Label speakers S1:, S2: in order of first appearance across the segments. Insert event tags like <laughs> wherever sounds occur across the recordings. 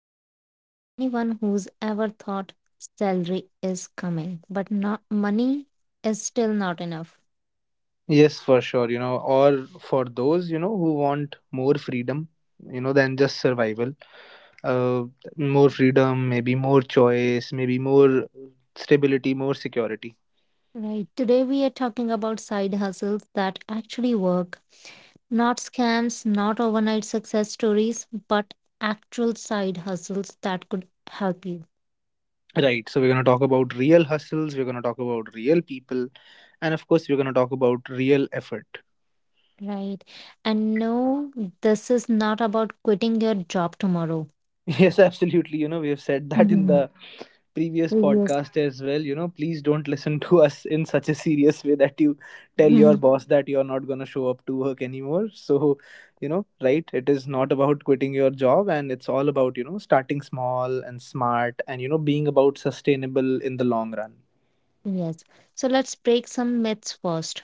S1: episode is for anyone who's ever thought salary is coming, but not money is still not enough.
S2: Yes, for sure. Or for those, who want more freedom, than just survival. Uh, More freedom, maybe more choice, maybe more stability, more security.
S1: Right. Today we are talking about side hustles that actually work. Not scams, not overnight success stories, but actual side hustles that could help you.
S2: Right. So we're gonna talk about real hustles, we're gonna talk about real people, and of course we're gonna talk about real effort. <laughs>
S1: Right. And no, this is not about quitting your job tomorrow.
S2: Yes, absolutely. You know, we have said that in
S1: Mhm.
S2: the previous
S1: Previous.
S2: podcast as well. You know, please don't listen to us in such a serious way that you tell your
S1: <laughs>
S2: boss that you're not going to show up to work anymore. So, you know, right, it is not about quitting your job, and it's all about, you know, starting small and smart, and you know, being about sustainable in the long run.
S1: Yes. So let's break some myths first.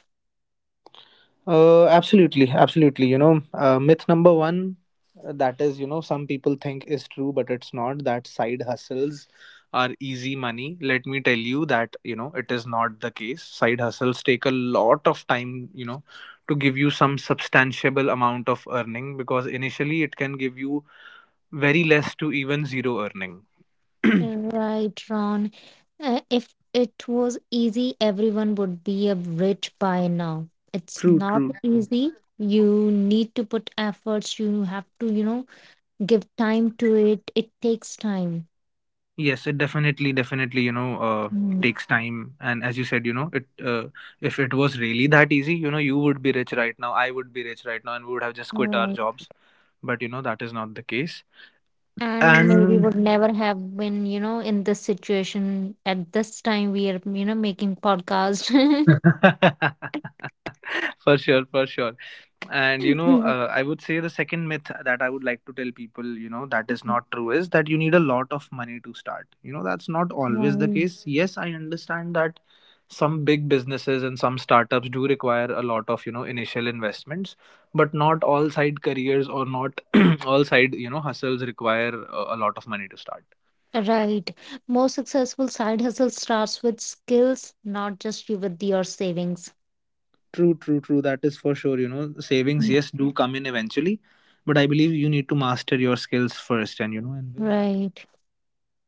S2: Absolutely. Myth number 1, that is, you know, some people think is true, but it's not, that side hustles are easy money. Let me tell you that, you know, it is not the case. Side hustles take a lot of time, you know, to give you some substantiable amount of earning, because initially it can give you very less to even zero earning. <clears throat>
S1: Right, Ron. If it was easy, everyone would be a rich by now. It's
S2: True,
S1: not
S2: true, true.
S1: easy. You need to put efforts. You have to, give time to it. It takes time.
S2: Yes, it definitely, definitely,
S1: Mm.
S2: takes time. And as you said, you know, it if it was really that easy, you know, you would be rich right now. I would be rich right now, and we would have just quit our
S1: Right.
S2: jobs. But you know that is not the case.
S1: And maybe
S2: And
S1: would never have been, in this situation at this time we are, making podcast.
S2: <laughs> for sure, for sure. And
S1: <laughs>
S2: I would say the second myth that I would like to tell people, you know, that is not true, is that you need a lot of money to start. You know, that's not always the
S1: Right.
S2: case. Yes, I understand that some big businesses and some startups do require a lot of, you know, initial investments, but not all side careers, or not <clears throat> all side, you know, hustles require a lot of money to start.
S1: Right. Most successful side hustle starts with skills, not just you with your savings.
S2: True, true, true. That is for sure. You know, savings,
S1: Mm.
S2: yes, do come in eventually, but I believe you need to master your skills first. And you know, and
S1: Right.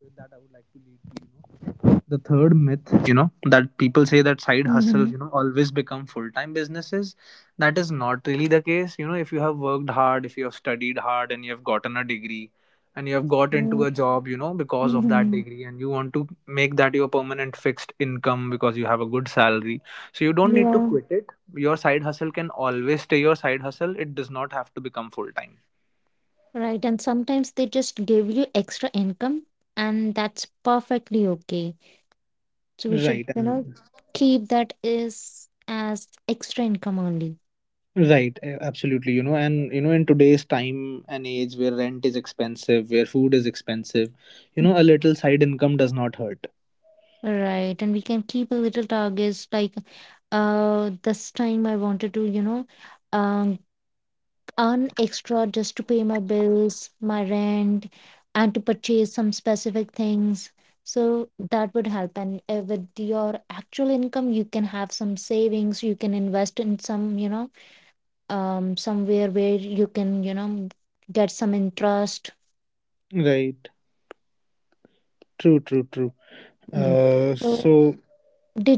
S2: with that, I would like to lead to, you know, the third myth, you know, that people say, that side
S1: Mm-hmm.
S2: hustles, you know, always become full-time businesses. That is not really the case. You know, if you have worked hard, if you have studied hard, and you have gotten a degree, and you have got into a job, you know, because of that
S1: Mm-hmm.
S2: degree, and you want to make that your permanent fixed income because you have a good salary, so you don't need to
S1: Yeah.
S2: quit it. Your side hustle can always stay your side hustle. It does not have to become full-time.
S1: Right. And sometimes they just give you extra income, and that's perfectly okay. So we should,
S2: Right, and
S1: keep that is as extra income only.
S2: right, absolutely. You know, and you know, in today's time and age where rent is expensive, where food is expensive, you know, a little side income does not hurt.
S1: Right. And we can keep a little targets like this time I wanted to, um earn extra just to pay my bills, my rent, and to purchase some specific things. So that would help. And with your actual income, you can have some savings. You can invest in some, somewhere where you can, get some interest.
S2: Right. True, true, true.
S1: Mm.
S2: Uh,
S1: So
S2: so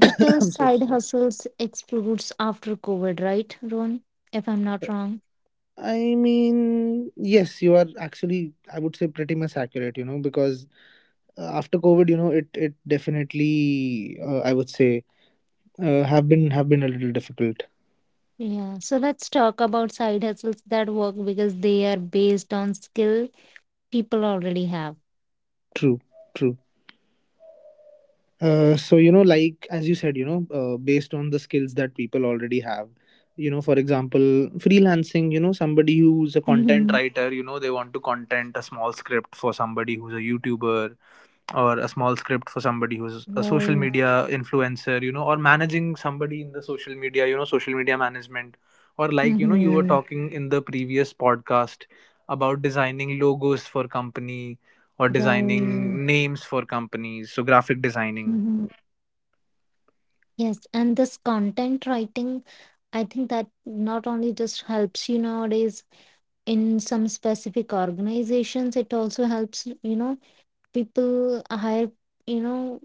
S2: <coughs> I'm so
S1: side
S2: sorry.
S1: hustles explodes after COVID, right, Ron? If I'm not wrong.
S2: I mean, yes, you are actually, I would say, pretty much accurate, you know, because after COVID, you know, it definitely, I would say, have been, have been a little difficult.
S1: Yeah, so let's talk about side hustles that work because they are based on skill people already have.
S2: True, true. So you know, like as you said, you know, based on the skills that people already have, you know, for example, freelancing. You know, somebody who's a content
S1: Hmm.
S2: writer, you know, they want to content a small script for somebody who's a youtuber, or a small script for somebody who's a social
S1: Right.
S2: media influencer, you know, or managing somebody in the social media, you know, social media management, or like, you know, you were
S1: Mm-hmm.
S2: talking in the previous podcast about designing logos for company or
S1: Right.
S2: designing names for companies, so graphic designing.
S1: Mm-hmm. Yes. And this content writing, I think that not only just helps you nowadays in some specific organizations, it also helps, people hire, you know,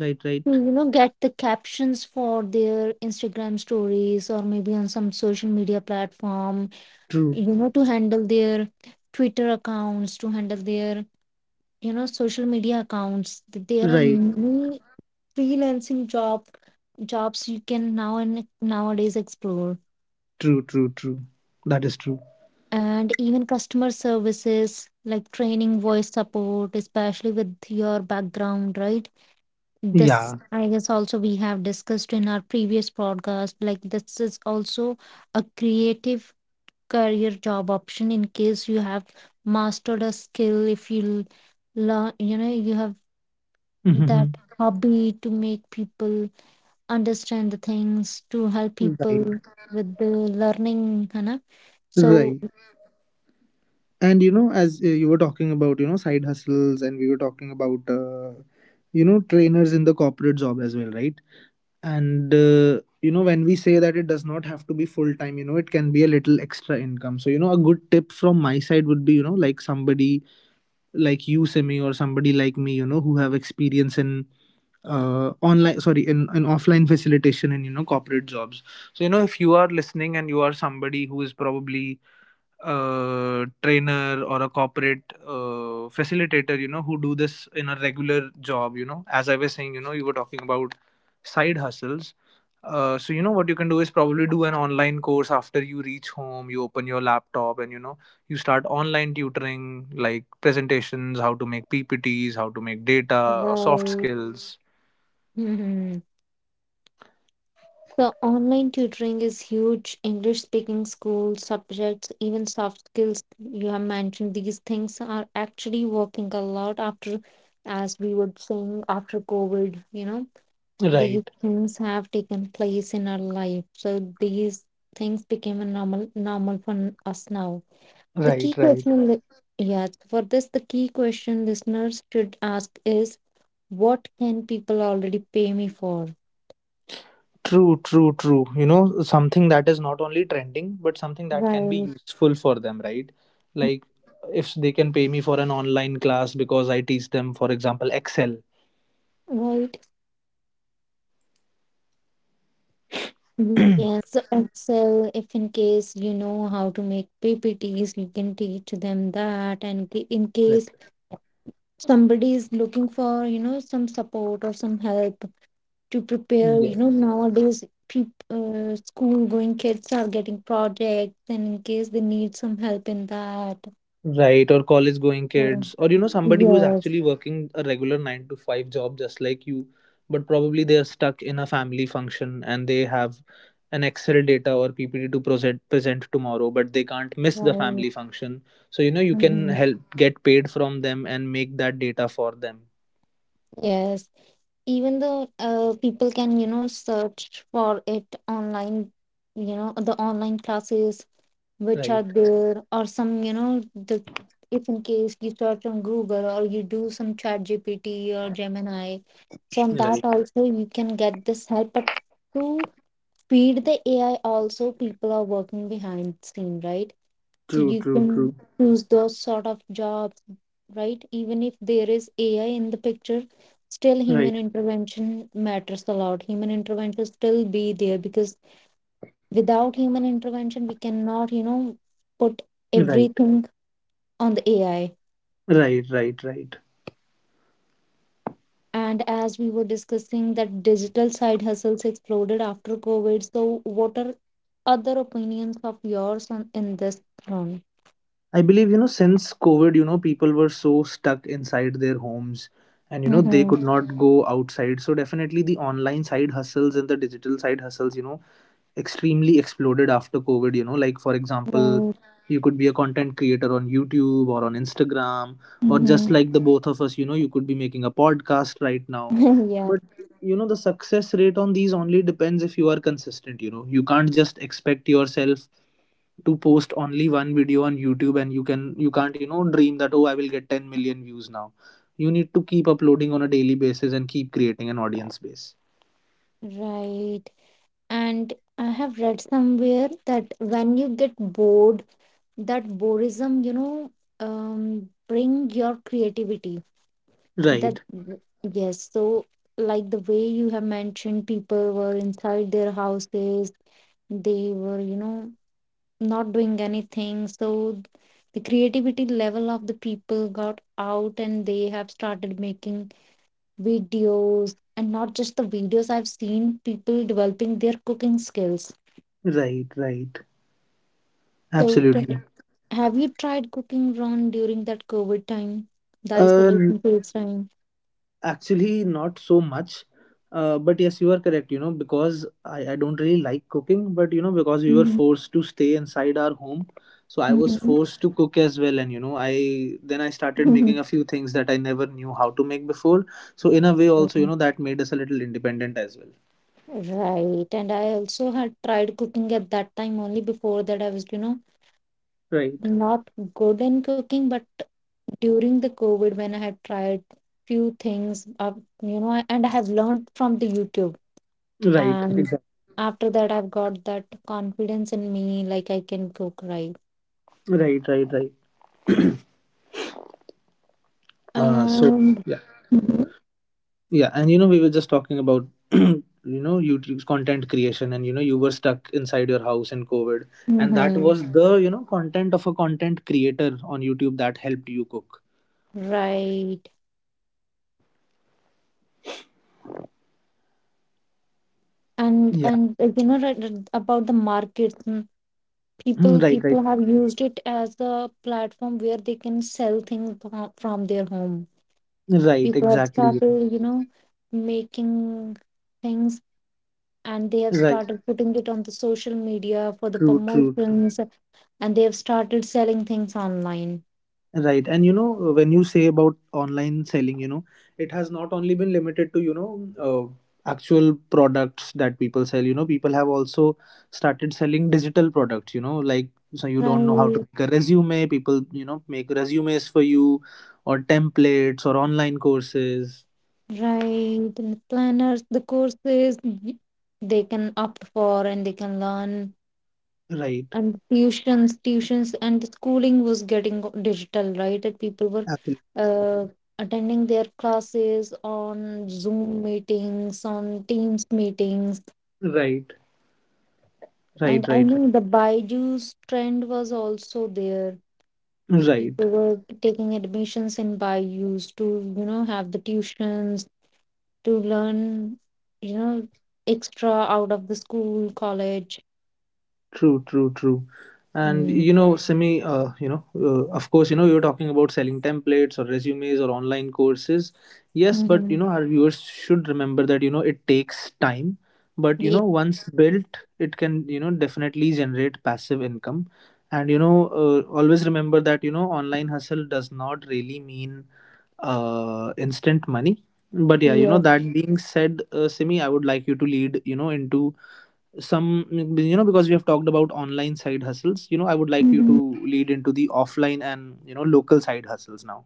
S2: Right,
S1: to,
S2: right.
S1: get the captions for their Instagram stories or maybe on some social media platform,
S2: True.
S1: to handle their Twitter accounts, to handle their social media accounts. There are
S2: Right.
S1: many freelancing job jobs you can now and nowadays explore.
S2: True, true, true. That is true.
S1: And even customer services like training, voice support, especially with your background, right? This,
S2: Yeah.
S1: I guess, also we have discussed in our previous podcast. Like, this is also a creative career job option in case you have mastered a skill, if you learn, you have that
S2: Mhm.
S1: hobby to make people understand the things, to help people
S2: Right.
S1: with the learning, Hannah. So,
S2: Right. And you know, as you were talking about, you know, side hustles, and we were talking about, you know, trainers in the corporate job as well, right? And, you know, when we say that it does not have to be full time, you know, it can be a little extra income. So, you know, a good tip from my side would be, you know, like somebody like you, Simi, or somebody like me, you know, who have experience in online sorry in an offline facilitation and, you know, corporate jobs. So you know, if you are listening, and you are somebody who is probably a trainer or a corporate facilitator, you know, who do this in a regular job. You know, as I was saying, you know, you were talking about side hustles, so you know what you can do is probably do an online course. After you reach home, you open your laptop, and you know, you start online tutoring, like presentations, how to make ppts, how to make data, or soft
S1: right. <laughs>
S2: skills.
S1: Mhm. The online tutoring is huge. English speaking schools, subjects, even soft skills you have mentioned, these things are actually working a lot after, as we would saying, after COVID, these
S2: Right,
S1: things have taken place in our life. So these things became a normal for us now. The key
S2: right, right.
S1: question, yeah, for this, the key question listeners should ask is what can people already pay me for?
S2: True, true, true. You know, something that is not only trending, but something that can be
S1: Right,
S2: useful for them, right? Like if they can pay me for an online class because I teach them, for example, Excel. <clears throat>
S1: right. Yes, so Excel, if in case you know how to make PPTs, you can teach them that. In case
S2: Right.
S1: somebody is looking for, some support or some help to prepare,
S2: Yes.
S1: nowadays peop school going kids are getting projects, and in case they need some help in that.
S2: Right, or college going kids, or you know, somebody who is
S1: Yes,
S2: actually working a regular nine to five job just like you, but probably they're stuck in a family function, and they have an Excel data or PPT to present tomorrow, but they can't miss the
S1: right.
S2: family function. So you know, you can
S1: Hmm.
S2: help get paid from them and make that data for them.
S1: Yes, even though people can, search for it online, the online classes which are
S2: Right.
S1: there, or some, you know, the if in case you search on Google or you do some Chat GPT or Gemini, so on that
S2: Right.
S1: also you can get this help. But to feed the AI, also people are working behind scene, right? So
S2: True,
S1: you
S2: true,
S1: can
S2: true.
S1: choose those sort of jobs, right? Even if there is ai in the picture, still
S2: Right.
S1: human intervention matters a lot. Human intervention still be there because without human intervention we cannot, put
S2: Right.
S1: everything on the ai.
S2: Right, right, right.
S1: And as we were discussing that digital side hustles exploded after covid, so what are other opinions of yours on in this front?
S2: I believe, you know, since COVID, you know, people were so stuck inside their homes, and, you know, they
S1: Mm-hmm.
S2: could not go outside. So definitely the online side hustles and the digital side hustles, you know, extremely exploded after COVID. You know, like for example,
S1: Well,
S2: you could be a content creator on YouTube or on Instagram, or just
S1: mm-hmm.
S2: like the both of us, you know, you could be making a podcast right now.
S1: <laughs> Yeah,
S2: But you know, the success rate on these only depends if you are consistent. You know, you can't just expect yourself to post only one video on YouTube, and you can, you can't, you know, dream that, oh, I will get 10 million views now. You need to keep uploading on a daily basis and keep creating an audience base.
S1: right. And I have read somewhere that when you get bored, that boredom, bring your creativity, that,
S2: Right,
S1: yes. So like the way you have mentioned, people were inside their houses, they were, not doing anything, so the creativity level of the people got out and they have started making videos. And not just the videos, I've seen people developing their cooking skills.
S2: right, right,
S1: So
S2: absolutely.
S1: have you tried cooking Ron during that COVID time, the
S2: Uh, n-
S1: isolation phase time?
S2: actually, not so much. But yes, you are correct, you know, because I don't really like cooking, but you know, because we were
S1: Mhm,
S2: forced to stay inside our home, so I was
S1: mhm,
S2: forced to cook as well. And you know, I then I started making
S1: mhm.
S2: a few things that I never knew how to make before. So, in a way, also, you
S1: Mm.
S2: know, that made us a little independent as well.
S1: Right, and I also had tried cooking at that time only. Before that I was,
S2: Right,
S1: not good in cooking, but during the COVID when I had tried few things, and I have learned from the YouTube.
S2: right,
S1: And
S2: exactly.
S1: after that, I've got that confidence in me, like I can cook right.
S2: Right, right, right. So.
S1: And mhm,
S2: Yeah, and you know, we were just talking about, <clears throat> you know, YouTube's content creation, and you know, you were stuck inside your house in COVID, and that
S1: mhm.
S2: was the, you know, content of a content creator on YouTube that helped you cook.
S1: Right.
S2: Yeah.
S1: And You know, right, about the market, mm,
S2: Mm,
S1: people
S2: right, right,
S1: people have used it as a platform where they can sell things from their home.
S2: right,
S1: People have
S2: exactly.
S1: started, making things, and they have
S2: Right,
S1: started putting it on the social media for the
S2: true, true, true.
S1: promotions. And they have started selling things online,
S2: Right. And you know, when you say about online selling, you know, it has not only been limited to, you know, actual products that people sell. You know, people have also started selling digital products, you know, like, so you don't know how to
S1: right,
S2: make a resume, people, you know, make resumes for you, or templates or online courses.
S1: right. And the planners, the courses, they can opt for and they can learn.
S2: Right.
S1: And tuitions, and the schooling was getting digital, right? That people were
S2: Absolutely.
S1: uh, attending their classes on zoom meetings, on teams meetings.
S2: Right. Right.
S1: And I
S2: Right. Right.
S1: know the byju's trend was also there,
S2: Right.
S1: people were taking admissions in byju's to, have the tuitions to learn, you know extra out of the school college.
S2: True, true, true. And
S1: Mm-hmm.
S2: you know, Simi, of course, you know, you're talking about selling templates or resumes or online courses. Yes, but you know, our viewers should remember that, you know, it takes time. But you
S1: Yeah,
S2: know, once built, it can, you know, definitely generate passive income. And you know, always remember that, you know, online hustle does not really mean instant money. But yeah, you know,
S1: yes.
S2: that being said, Simi, I would like you to lead, you know, into some. You know, because we have talked about online side hustles, you know, I would like you to
S1: Mm-hmm.
S2: lead into the offline and, you know, local side hustles now.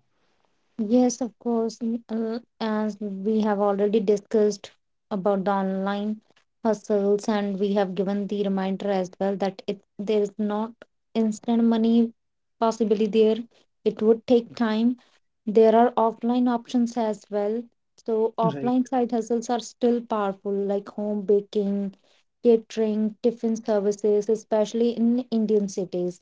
S1: Yes, of course. As we have already discussed about the online hustles, and we have given the reminder as well that it there is not instant money possibly there. It would take time. There are offline options as well. So
S2: Right,
S1: offline side hustles are still powerful, like home baking, catering, tiffin services, especially in Indian cities.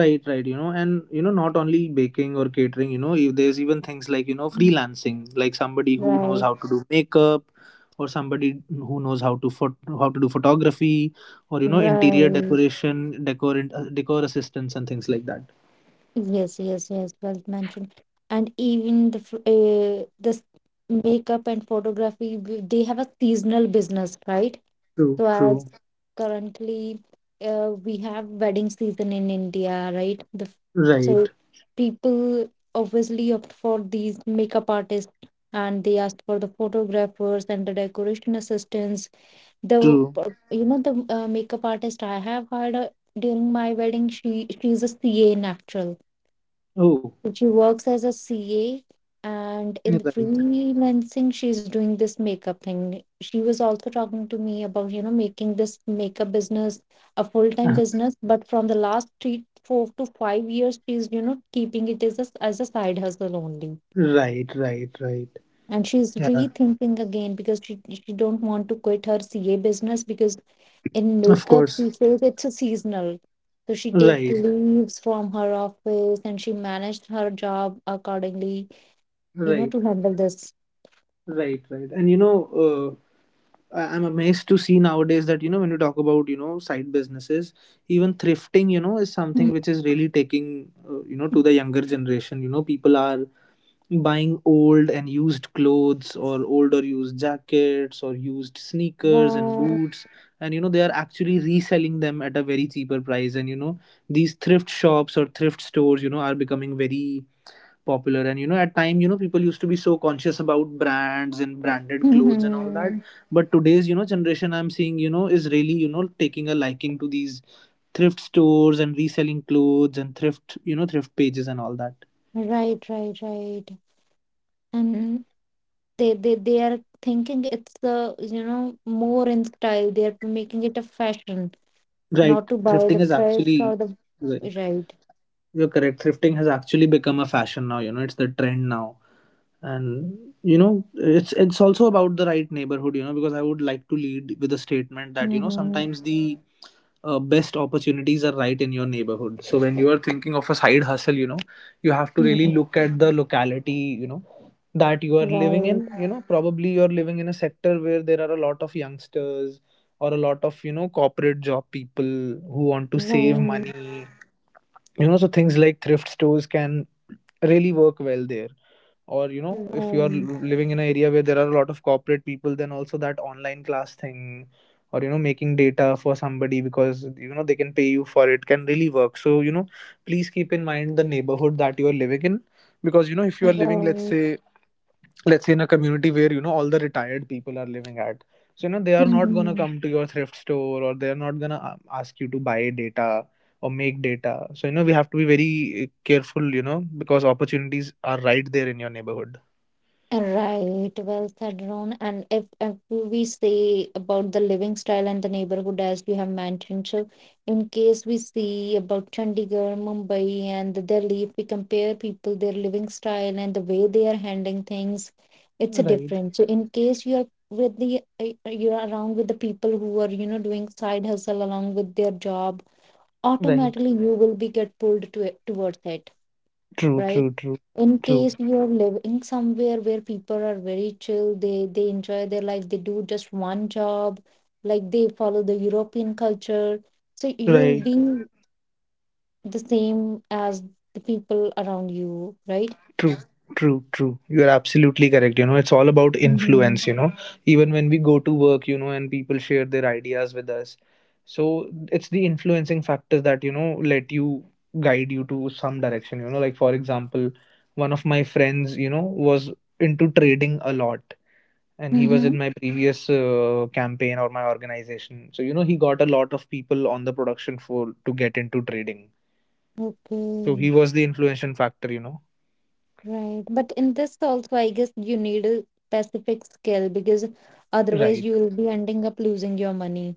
S2: right, right. You know, and you know, not only baking or catering, you know, if there's even things like, you know, freelancing, like somebody who knows
S1: Right,
S2: how to do makeup, or somebody who knows how to how to do photography, or you know, interior
S1: right.
S2: decoration decor, decor assistance, and things like that.
S1: Yes, yes, yes, well mentioned. And even this makeup and photography, they have a seasonal business, right?
S2: True,
S1: So as
S2: true.
S1: currently, we have wedding season in India, right? So
S2: Right.
S1: people obviously opt for these makeup artists, and they ask for the photographers and the decoration assistants. The
S2: True.
S1: you know the makeup artist I have hired during my wedding, she's a CA in actual.
S2: Oh,
S1: She works as a C A, and in the
S2: right.
S1: freelancing she's doing this makeup thing. She was also talking to me about, making this makeup business a
S2: <laughs>
S1: full-time
S2: Uh-huh.
S1: business, but from the last three, 4 to 5 years, she's, keeping it as as a side hustle only.
S2: Right, right, right.
S1: And she's
S2: Yeah,
S1: rethinking again because she don't want to quit her CA business because in
S2: of
S1: makeup she
S2: course.
S1: says it's a seasonal. So she takes
S2: Right,
S1: leaves from her office and she managed her job accordingly,
S2: right,
S1: to handle this.
S2: right, right. And uh, I'm amazed to see nowadays that, when you talk about, side businesses, even
S1: Mm.
S2: thrifting, is something which is really taking, to the younger generation. People are buying old and used clothes or old or used jackets or used sneakers and
S1: Wow.
S2: boots. And, they are actually reselling them at a very cheaper price. And, these thrift shops or thrift stores, are becoming very popular. And at time, people used to be so conscious about brands and branded clothes and all
S1: Mhm.
S2: that, but today's generation, I'm seeing, is really, taking a liking to these thrift stores and reselling clothes and thrift you know thrift pages and all that.
S1: Right, right, right. And they they are thinking it's the, more in style. They are making it a fashion,
S2: Right,
S1: not to buy
S2: thrifting
S1: the
S2: is
S1: fresh
S2: actually
S1: or the
S2: right.
S1: right.
S2: You're correct, thrifting has actually become a fashion now. It's the trend now, and you know it's also about the right neighborhood, because I would like to lead with a statement that,
S1: Mm-hmm.
S2: sometimes the best opportunities are right in your neighborhood. So when you are thinking of a side hustle, you have to really look at the locality, that you are living in.
S1: Right,
S2: Probably you're living in a sector where there are a lot of youngsters, or a lot of corporate job people who want to save
S1: right,
S2: money. So things like thrift stores can really work well there. Or if you are
S1: right,
S2: living in an area where there are a lot of corporate people, then also that online class thing, or making data for somebody, because they can pay you for it, can really work. So please keep in mind the neighborhood that you are living in. Because if you are living, let's
S1: right.
S2: say, in a community where, all the retired people are living at, so they are not going to
S1: Mm-hmm.
S2: come to your thrift store, or they are not going to ask you to buy data or make data. So we have to be very careful, because opportunities are right there in your neighborhood.
S1: Right, well said, Ron. And if we say about the living style and the neighborhood, as you have mentioned, so in case we see about Chandigarh, Mumbai, and the Delhi, if we compare people, their living style and the way they are handling things, it's a
S2: Right,
S1: different. So in case you're with the you're around with the people who are, doing side hustle along with their job,
S2: right.
S1: automatically you will be get pulled to it towards it,
S2: True,
S1: right?
S2: true, true,
S1: In
S2: true.
S1: case you're living somewhere where people are very chill, they enjoy their life, they do just one job, like they follow the european culture, so you'll
S2: Right,
S1: be the same as the people around you, right?
S2: true, true, true. You are absolutely correct. It's all about
S1: Mm-hmm.
S2: influence. Even when we go to work, and people share their ideas with us. So it's the influencing factors that, let you guide you to some direction. Like, for example, one of my friends, was into trading a lot, and he was
S1: Mm-hmm.
S2: in my previous campaign or my organization. So, he got a lot of people on the production floor to get into trading. So
S1: Okay.
S2: he was the influential factor.
S1: Right, but in this also I guess you need a specific skill because otherwise
S2: Right.
S1: you'll be ending up losing your money.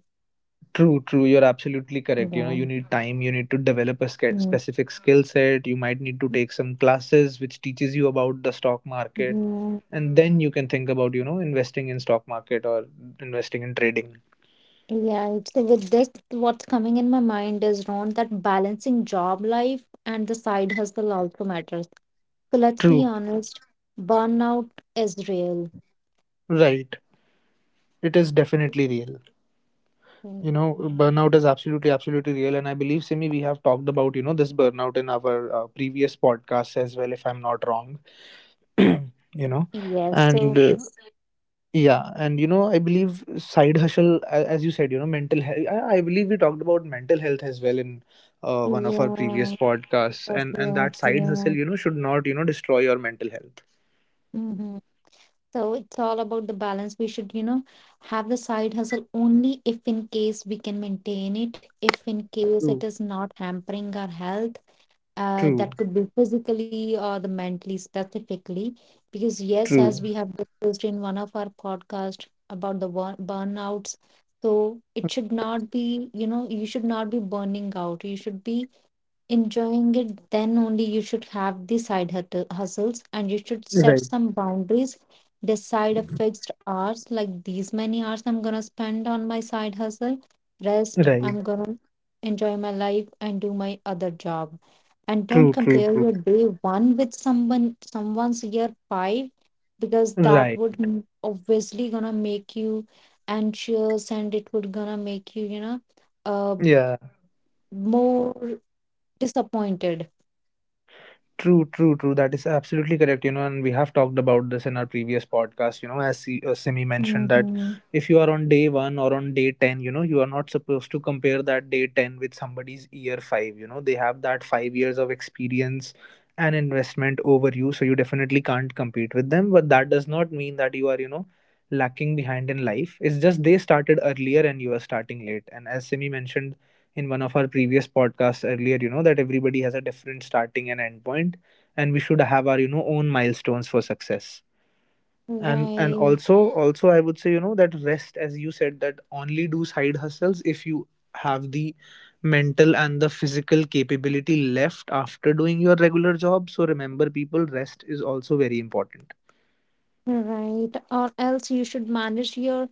S2: True, true. You're absolutely correct.
S1: Yeah.
S2: You need time, you need to develop a
S1: Mm.
S2: specific skill set, you might need to take some classes which teaches you about the stock market,
S1: Yeah.
S2: and then you can think about, investing in stock market or investing in trading.
S1: Yeah, so with this, what's coming in my mind is Ron that balancing job life and the side hustle also matters. So let's be
S2: True.
S1: honest, burnout is real.
S2: Right. It is definitely real.
S1: Mm.
S2: Burnout is absolutely, absolutely real. And I believe, Simi, we have talked about, this burnout in our previous podcasts as well, if I'm not wrong. <clears throat> you know,
S1: Yes,
S2: and
S1: so
S2: Yeah, and I believe side hustle, as you said, mental health. I believe we talked about mental health as well in one of our previous
S1: yes,
S2: podcasts,
S1: yes,
S2: and
S1: yes,
S2: that side hustle,
S1: yes.
S2: should not, destroy your mental health.
S1: Hmm. So it's all about the balance. We should, you know, have the side hustle only if in case we can maintain it, if in case it
S2: True,
S1: is not hampering our health.
S2: true,
S1: That could be physically or the mentally specifically, because yes, as
S2: true.
S1: we have discussed in one of our podcast about the burnouts. So it should not be, you know, you should not be burning out, you should be enjoying it, then only you should have the hustles and you should set
S2: Right,
S1: some boundaries, decide a fixed hours like these many hours I'm gonna spend on my side hustle, rest,
S2: right.
S1: I'm gonna enjoy my life and do my other job. And don't
S2: True, true,
S1: compare
S2: true.
S1: your day one with someone's year five, because that
S2: Right.
S1: would obviously gonna make you anxious and it would gonna make you, you know, uh,
S2: Yeah.
S1: more disappointed.
S2: True, true, true. That is absolutely correct. And we have talked about this in our previous podcast. As Simi mentioned that
S1: Mm-hmm.
S2: if you are on day one or on day 10, you are not supposed to compare that day 10 with somebody's year 5. They have that 5 years of experience and investment over you, so you definitely can't compete with them. But that does not mean that you are, lacking behind in life. It's just they started earlier and you are starting late. And as Simi mentioned in one of our previous podcasts earlier, that everybody has a different starting and end point, and we should have our own milestones for success. And
S1: Right,
S2: also, I would say, that rest, as you said, that only do side hustles if you have the mental and the physical capability left after doing your regular job. So remember, people, rest is also very important.
S1: right. Or else you should manage your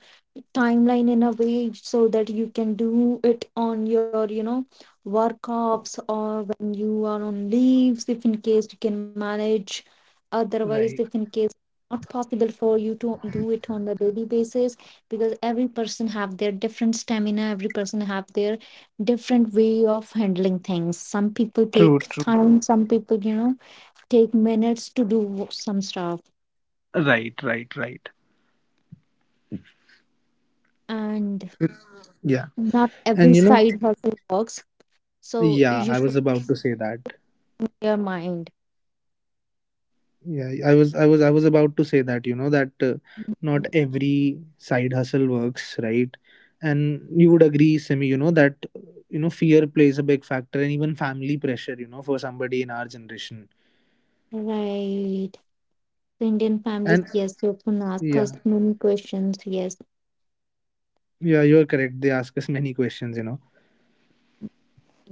S1: timeline in a way so that you can do it on your, you know, work offs or when you are on leaves, if in case you can manage. Otherwise, if
S2: Right.
S1: in case not possible for you to do it on the daily basis, because every person have their different stamina, every person have their different way of handling things. Some people
S2: True,
S1: take
S2: true.
S1: time, some people, you know, take minutes to do some stuff,
S2: Right, right, right.
S1: and
S2: Yeah.
S1: not every
S2: And
S1: side hustle works. So
S2: yeah,
S1: you
S2: I was
S1: should
S2: about to say that.
S1: be your mind.
S2: Yeah, I was about to say that, that not every side hustle works, right? And you would agree, Simi, that, fear plays a big factor, and even family pressure, for somebody in our generation.
S1: Right. The Indian
S2: And
S1: families, yes, they often ask
S2: yeah,
S1: us many questions. Yes,
S2: yeah, you're correct. They ask us many questions.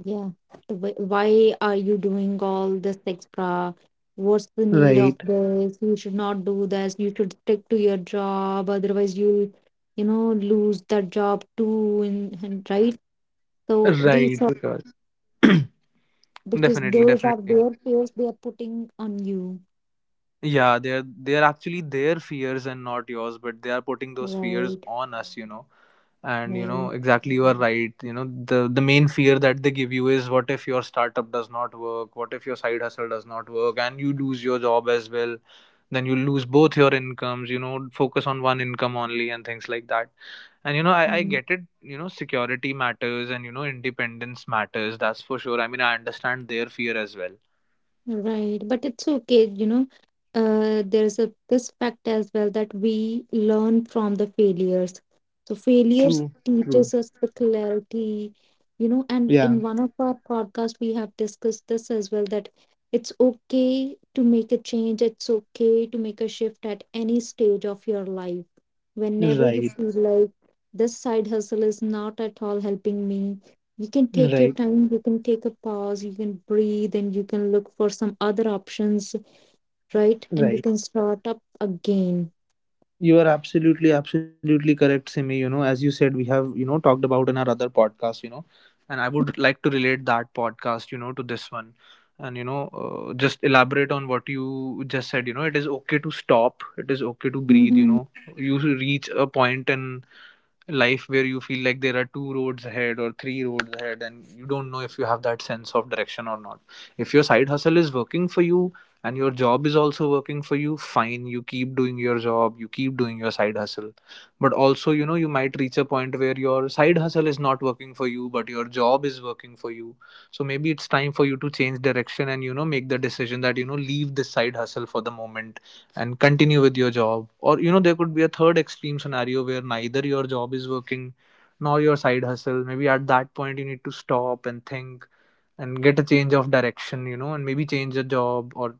S1: yeah. The Why are you doing all this extra? What's the need of
S2: Right,
S1: this? You should not do this. You should stick to your job. Otherwise, you'll, you know, lose that job too. And right. So these
S2: right, because, <clears throat>
S1: because
S2: definitely,
S1: those are
S2: definitely.
S1: their fears they are putting on you.
S2: Yeah, they're actually their fears and not yours, but they are putting those fears
S1: Right,
S2: on us. And
S1: right.
S2: exactly, you are right. The main fear that they give you is, what if your startup does not work, what if your side hustle does not work, and you lose your job as well? Then you lose both your incomes. Focus on one income only, and things like that. And I
S1: Hmm.
S2: get it. Security matters, and independence matters, that's for sure. I mean, I understand their fear as well.
S1: Right, but it's okay, you know. There's a this fact as well that we learn from the failures. So failures
S2: True, true.
S1: teaches us the clarity, you know, and
S2: Yeah,
S1: in one of our podcasts we have discussed this as well that it's okay to make a change, it's okay to make a shift at any stage of your life. Whenever you
S2: right,
S1: feel like this side hustle is not at all helping me, you can take your
S2: right,
S1: time, you can take a pause, you can breathe, and you can look for some other options, right? And you
S2: right.
S1: can start up again.
S2: You are absolutely, absolutely correct, Simi. As you said, we have, talked about in our other podcast, and I would like to relate that podcast, to this one. And, just elaborate on what you just said. It is okay to stop, it is okay to breathe.
S1: Mm-hmm.
S2: You reach a point in life where you feel like there are two roads ahead or three roads ahead, and you don't know if you have that sense of direction or not. If your side hustle is working for you and your job is also working for you, fine, you keep doing your job, you keep doing your side hustle. But also, you might reach a point where your side hustle is not working for you but your job is working for you. So maybe it's time for you to change direction, and make the decision that, leave this side hustle for the moment and continue with your job. Or there could be a third extreme scenario where neither your job is working nor your side hustle. Maybe at that point you need to stop and think and get a change of direction, and maybe change a job, or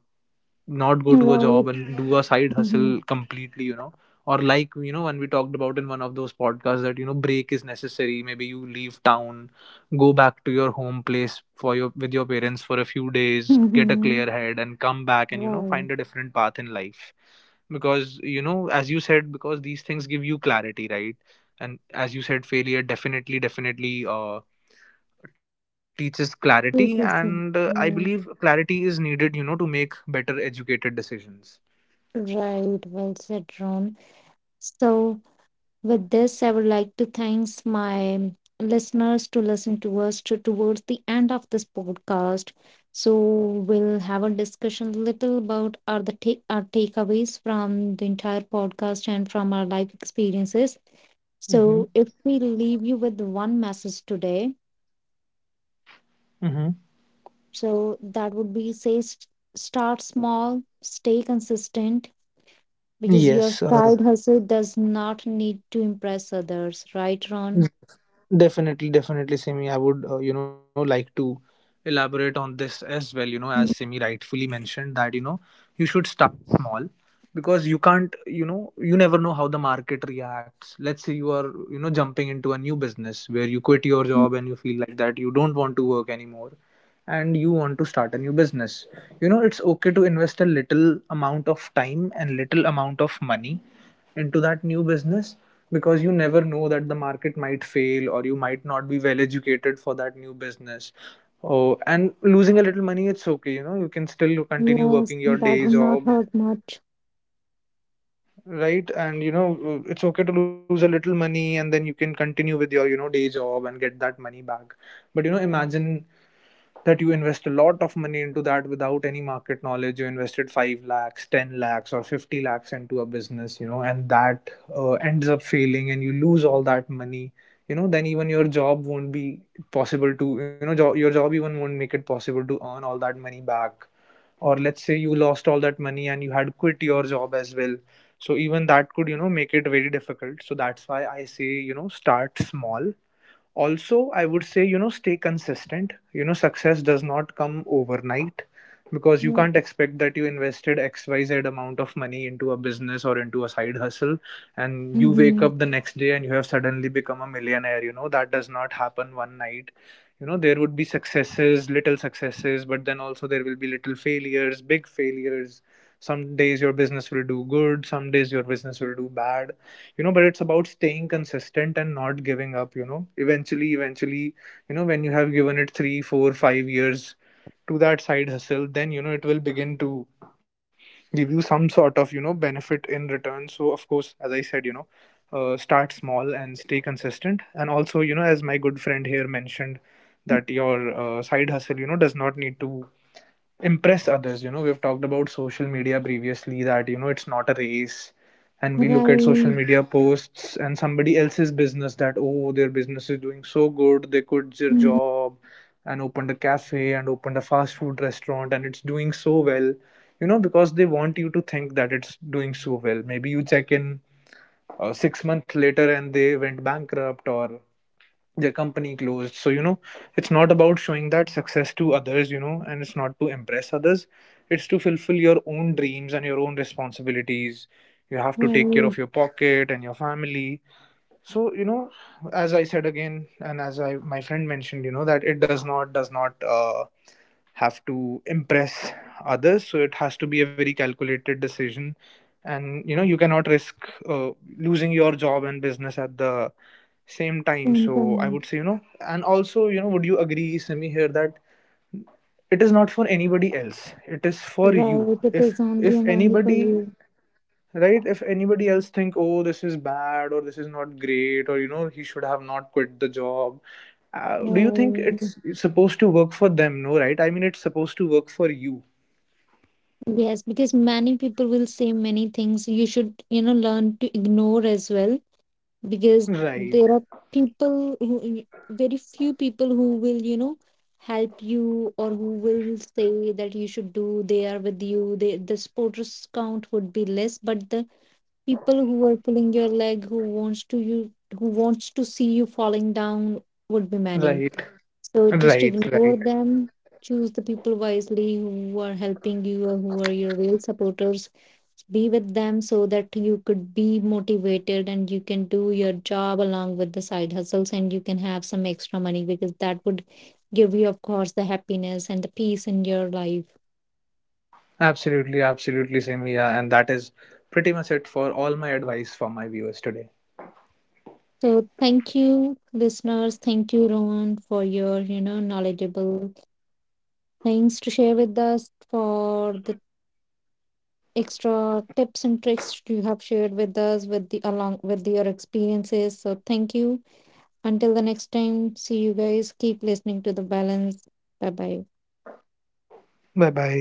S2: not go to a
S1: Right.
S2: job and do a side
S1: Mm-hmm.
S2: hustle completely. Or like, when we talked about in one of those podcasts that, break is necessary, maybe you leave town, go back to your home place for your with your parents for a few days, get a
S1: Mm-hmm.
S2: clear head and come back, and find
S1: Right.
S2: a different path in life. Because as you said, because these things give you clarity, right? And as you said, failure definitely, definitely, teaches clarity,
S1: Two
S2: and I
S1: percent.
S2: believe
S1: Yeah.
S2: clarity is needed, to make better educated decisions.
S1: Right. Well said, Ron. So, with this, I would like to thanks my listeners to listen to us to, towards the end of this podcast. So we'll have a discussion little about our the take our takeaways from the entire podcast and from our life experiences.
S2: Mm-hmm.
S1: So if we leave you with one message today,
S2: Mm-hmm.
S1: so that would be say start small, stay consistent, because your
S2: Yes.
S1: side hustle does not need to impress others, right, Ron?
S2: Definitely, definitely, Simi. I would, like to elaborate on this as well. As Simi
S1: Mm.
S2: rightfully mentioned, that, you should start small, because you can't, you never know how the market reacts. Let's say you are, jumping into a new business where you quit your job and you feel like that you don't want to work anymore, and you want to start a new business. You know, it's okay to invest a little amount of time and little amount of money into that new business because you never know that the market might fail or you might not be well educated for that new business. Oh, and losing a little money, it's okay. You know, you can still continue
S1: Yes,
S2: working your
S1: that
S2: day
S1: would not
S2: job.
S1: hurt much.
S2: Right, and you know, it's okay to lose a little money and then you can continue with your, you know, day job and get that money back. But you know, imagine that you invest a lot of money into that without any market knowledge. You invested 5 lakhs, 10 lakhs or 50 lakhs into a business, you know, and that ends up failing and you lose all that money. You know, then even your job won't be possible to, you know, your job even won't make it possible to earn all that money back. Or let's say you lost all that money and you had quit your job as well, so even that could, you know, make it very difficult. So that's why I say, you know, start small. Also, I would say, you know, stay consistent. You know, success does not come overnight, because you
S1: Yeah.
S2: can't expect that you invested XYZ amount of money into a business or into a side hustle and you wake
S1: Mm-hmm.
S2: up the next day and you have suddenly become a millionaire. You know, that does not happen one night. You know, there would be successes, little successes, but then also there will be little failures, big failures. Some days your business will do good, some days your business will do bad. You know, but it's about staying consistent and not giving up. You know, eventually, you know, when you have given it 3 4 5 years to that side hustle, then you know it will begin to give you some sort of, you know, benefit in return. So of course, as I said, you know, start small and stay consistent. And also, you know, as my good friend here mentioned, that your side hustle, you know, does not need to impress others. You know, we've talked about social media previously, that you know, it's not a race, and we look at social
S1: Right.
S2: media posts and somebody else's business, that oh, their business is doing so good, they quit their
S1: Mhm.
S2: job and opened a cafe and opened a fast food restaurant and it's doing so well. You know, because they want you to think that it's doing so well. Maybe you check in 6 months later and they went bankrupt or their company closed. So you know, it's not about showing that success to others, you know, and it's not to impress others. It's to fulfill your own dreams and your own responsibilities. You have to take care of
S1: Right.
S2: your pocket and your family. So you know, as I said again, and as I my friend mentioned, you know, that it does not have to impress others. So it has to be a very calculated decision. And you know, you cannot risk uh, losing your job and business at the same time.
S1: Same
S2: So I
S1: time.
S2: would say, you know, and also, you know, would you agree, Simi here, that it is not for anybody else, it is for you.
S1: Right. It
S2: if
S1: is only
S2: if
S1: and only for
S2: anybody
S1: you.
S2: right, if anybody else think, oh, this is bad or this is not great, or you know, he should have not quit the job, do you think
S1: Right.
S2: it's supposed to work for them? No, right? I mean, it's supposed to work for you.
S1: Yes, because many people will say many things. You should, you know, learn to ignore as well because
S2: Right,
S1: there are people who, very few people who will, you know, help you or who will say that you should do. They are with you. They, the supporters count would be less, but the people who are pulling your leg who wants to you who wants to see you falling down would be many,
S2: right,
S1: so just
S2: right,
S1: ignore
S2: right.
S1: them. Choose the people wisely who are helping you or who are your real supporters, be with them so that you could be motivated and you can do your job along with the side hustles and you can have some extra money because that would give you of course the happiness and the peace in your life.
S2: Absolutely, absolutely, Simia. And that is pretty much it for all my advice for my viewers today.
S1: So thank you, listeners. Thank you, Rohan, for your, you know, knowledgeable thanks to share with us for the extra tips and tricks you have shared with us with the along with your experiences. So thank you. Until the next time, see you guys. Keep listening to the balance. Bye bye.
S2: Bye bye.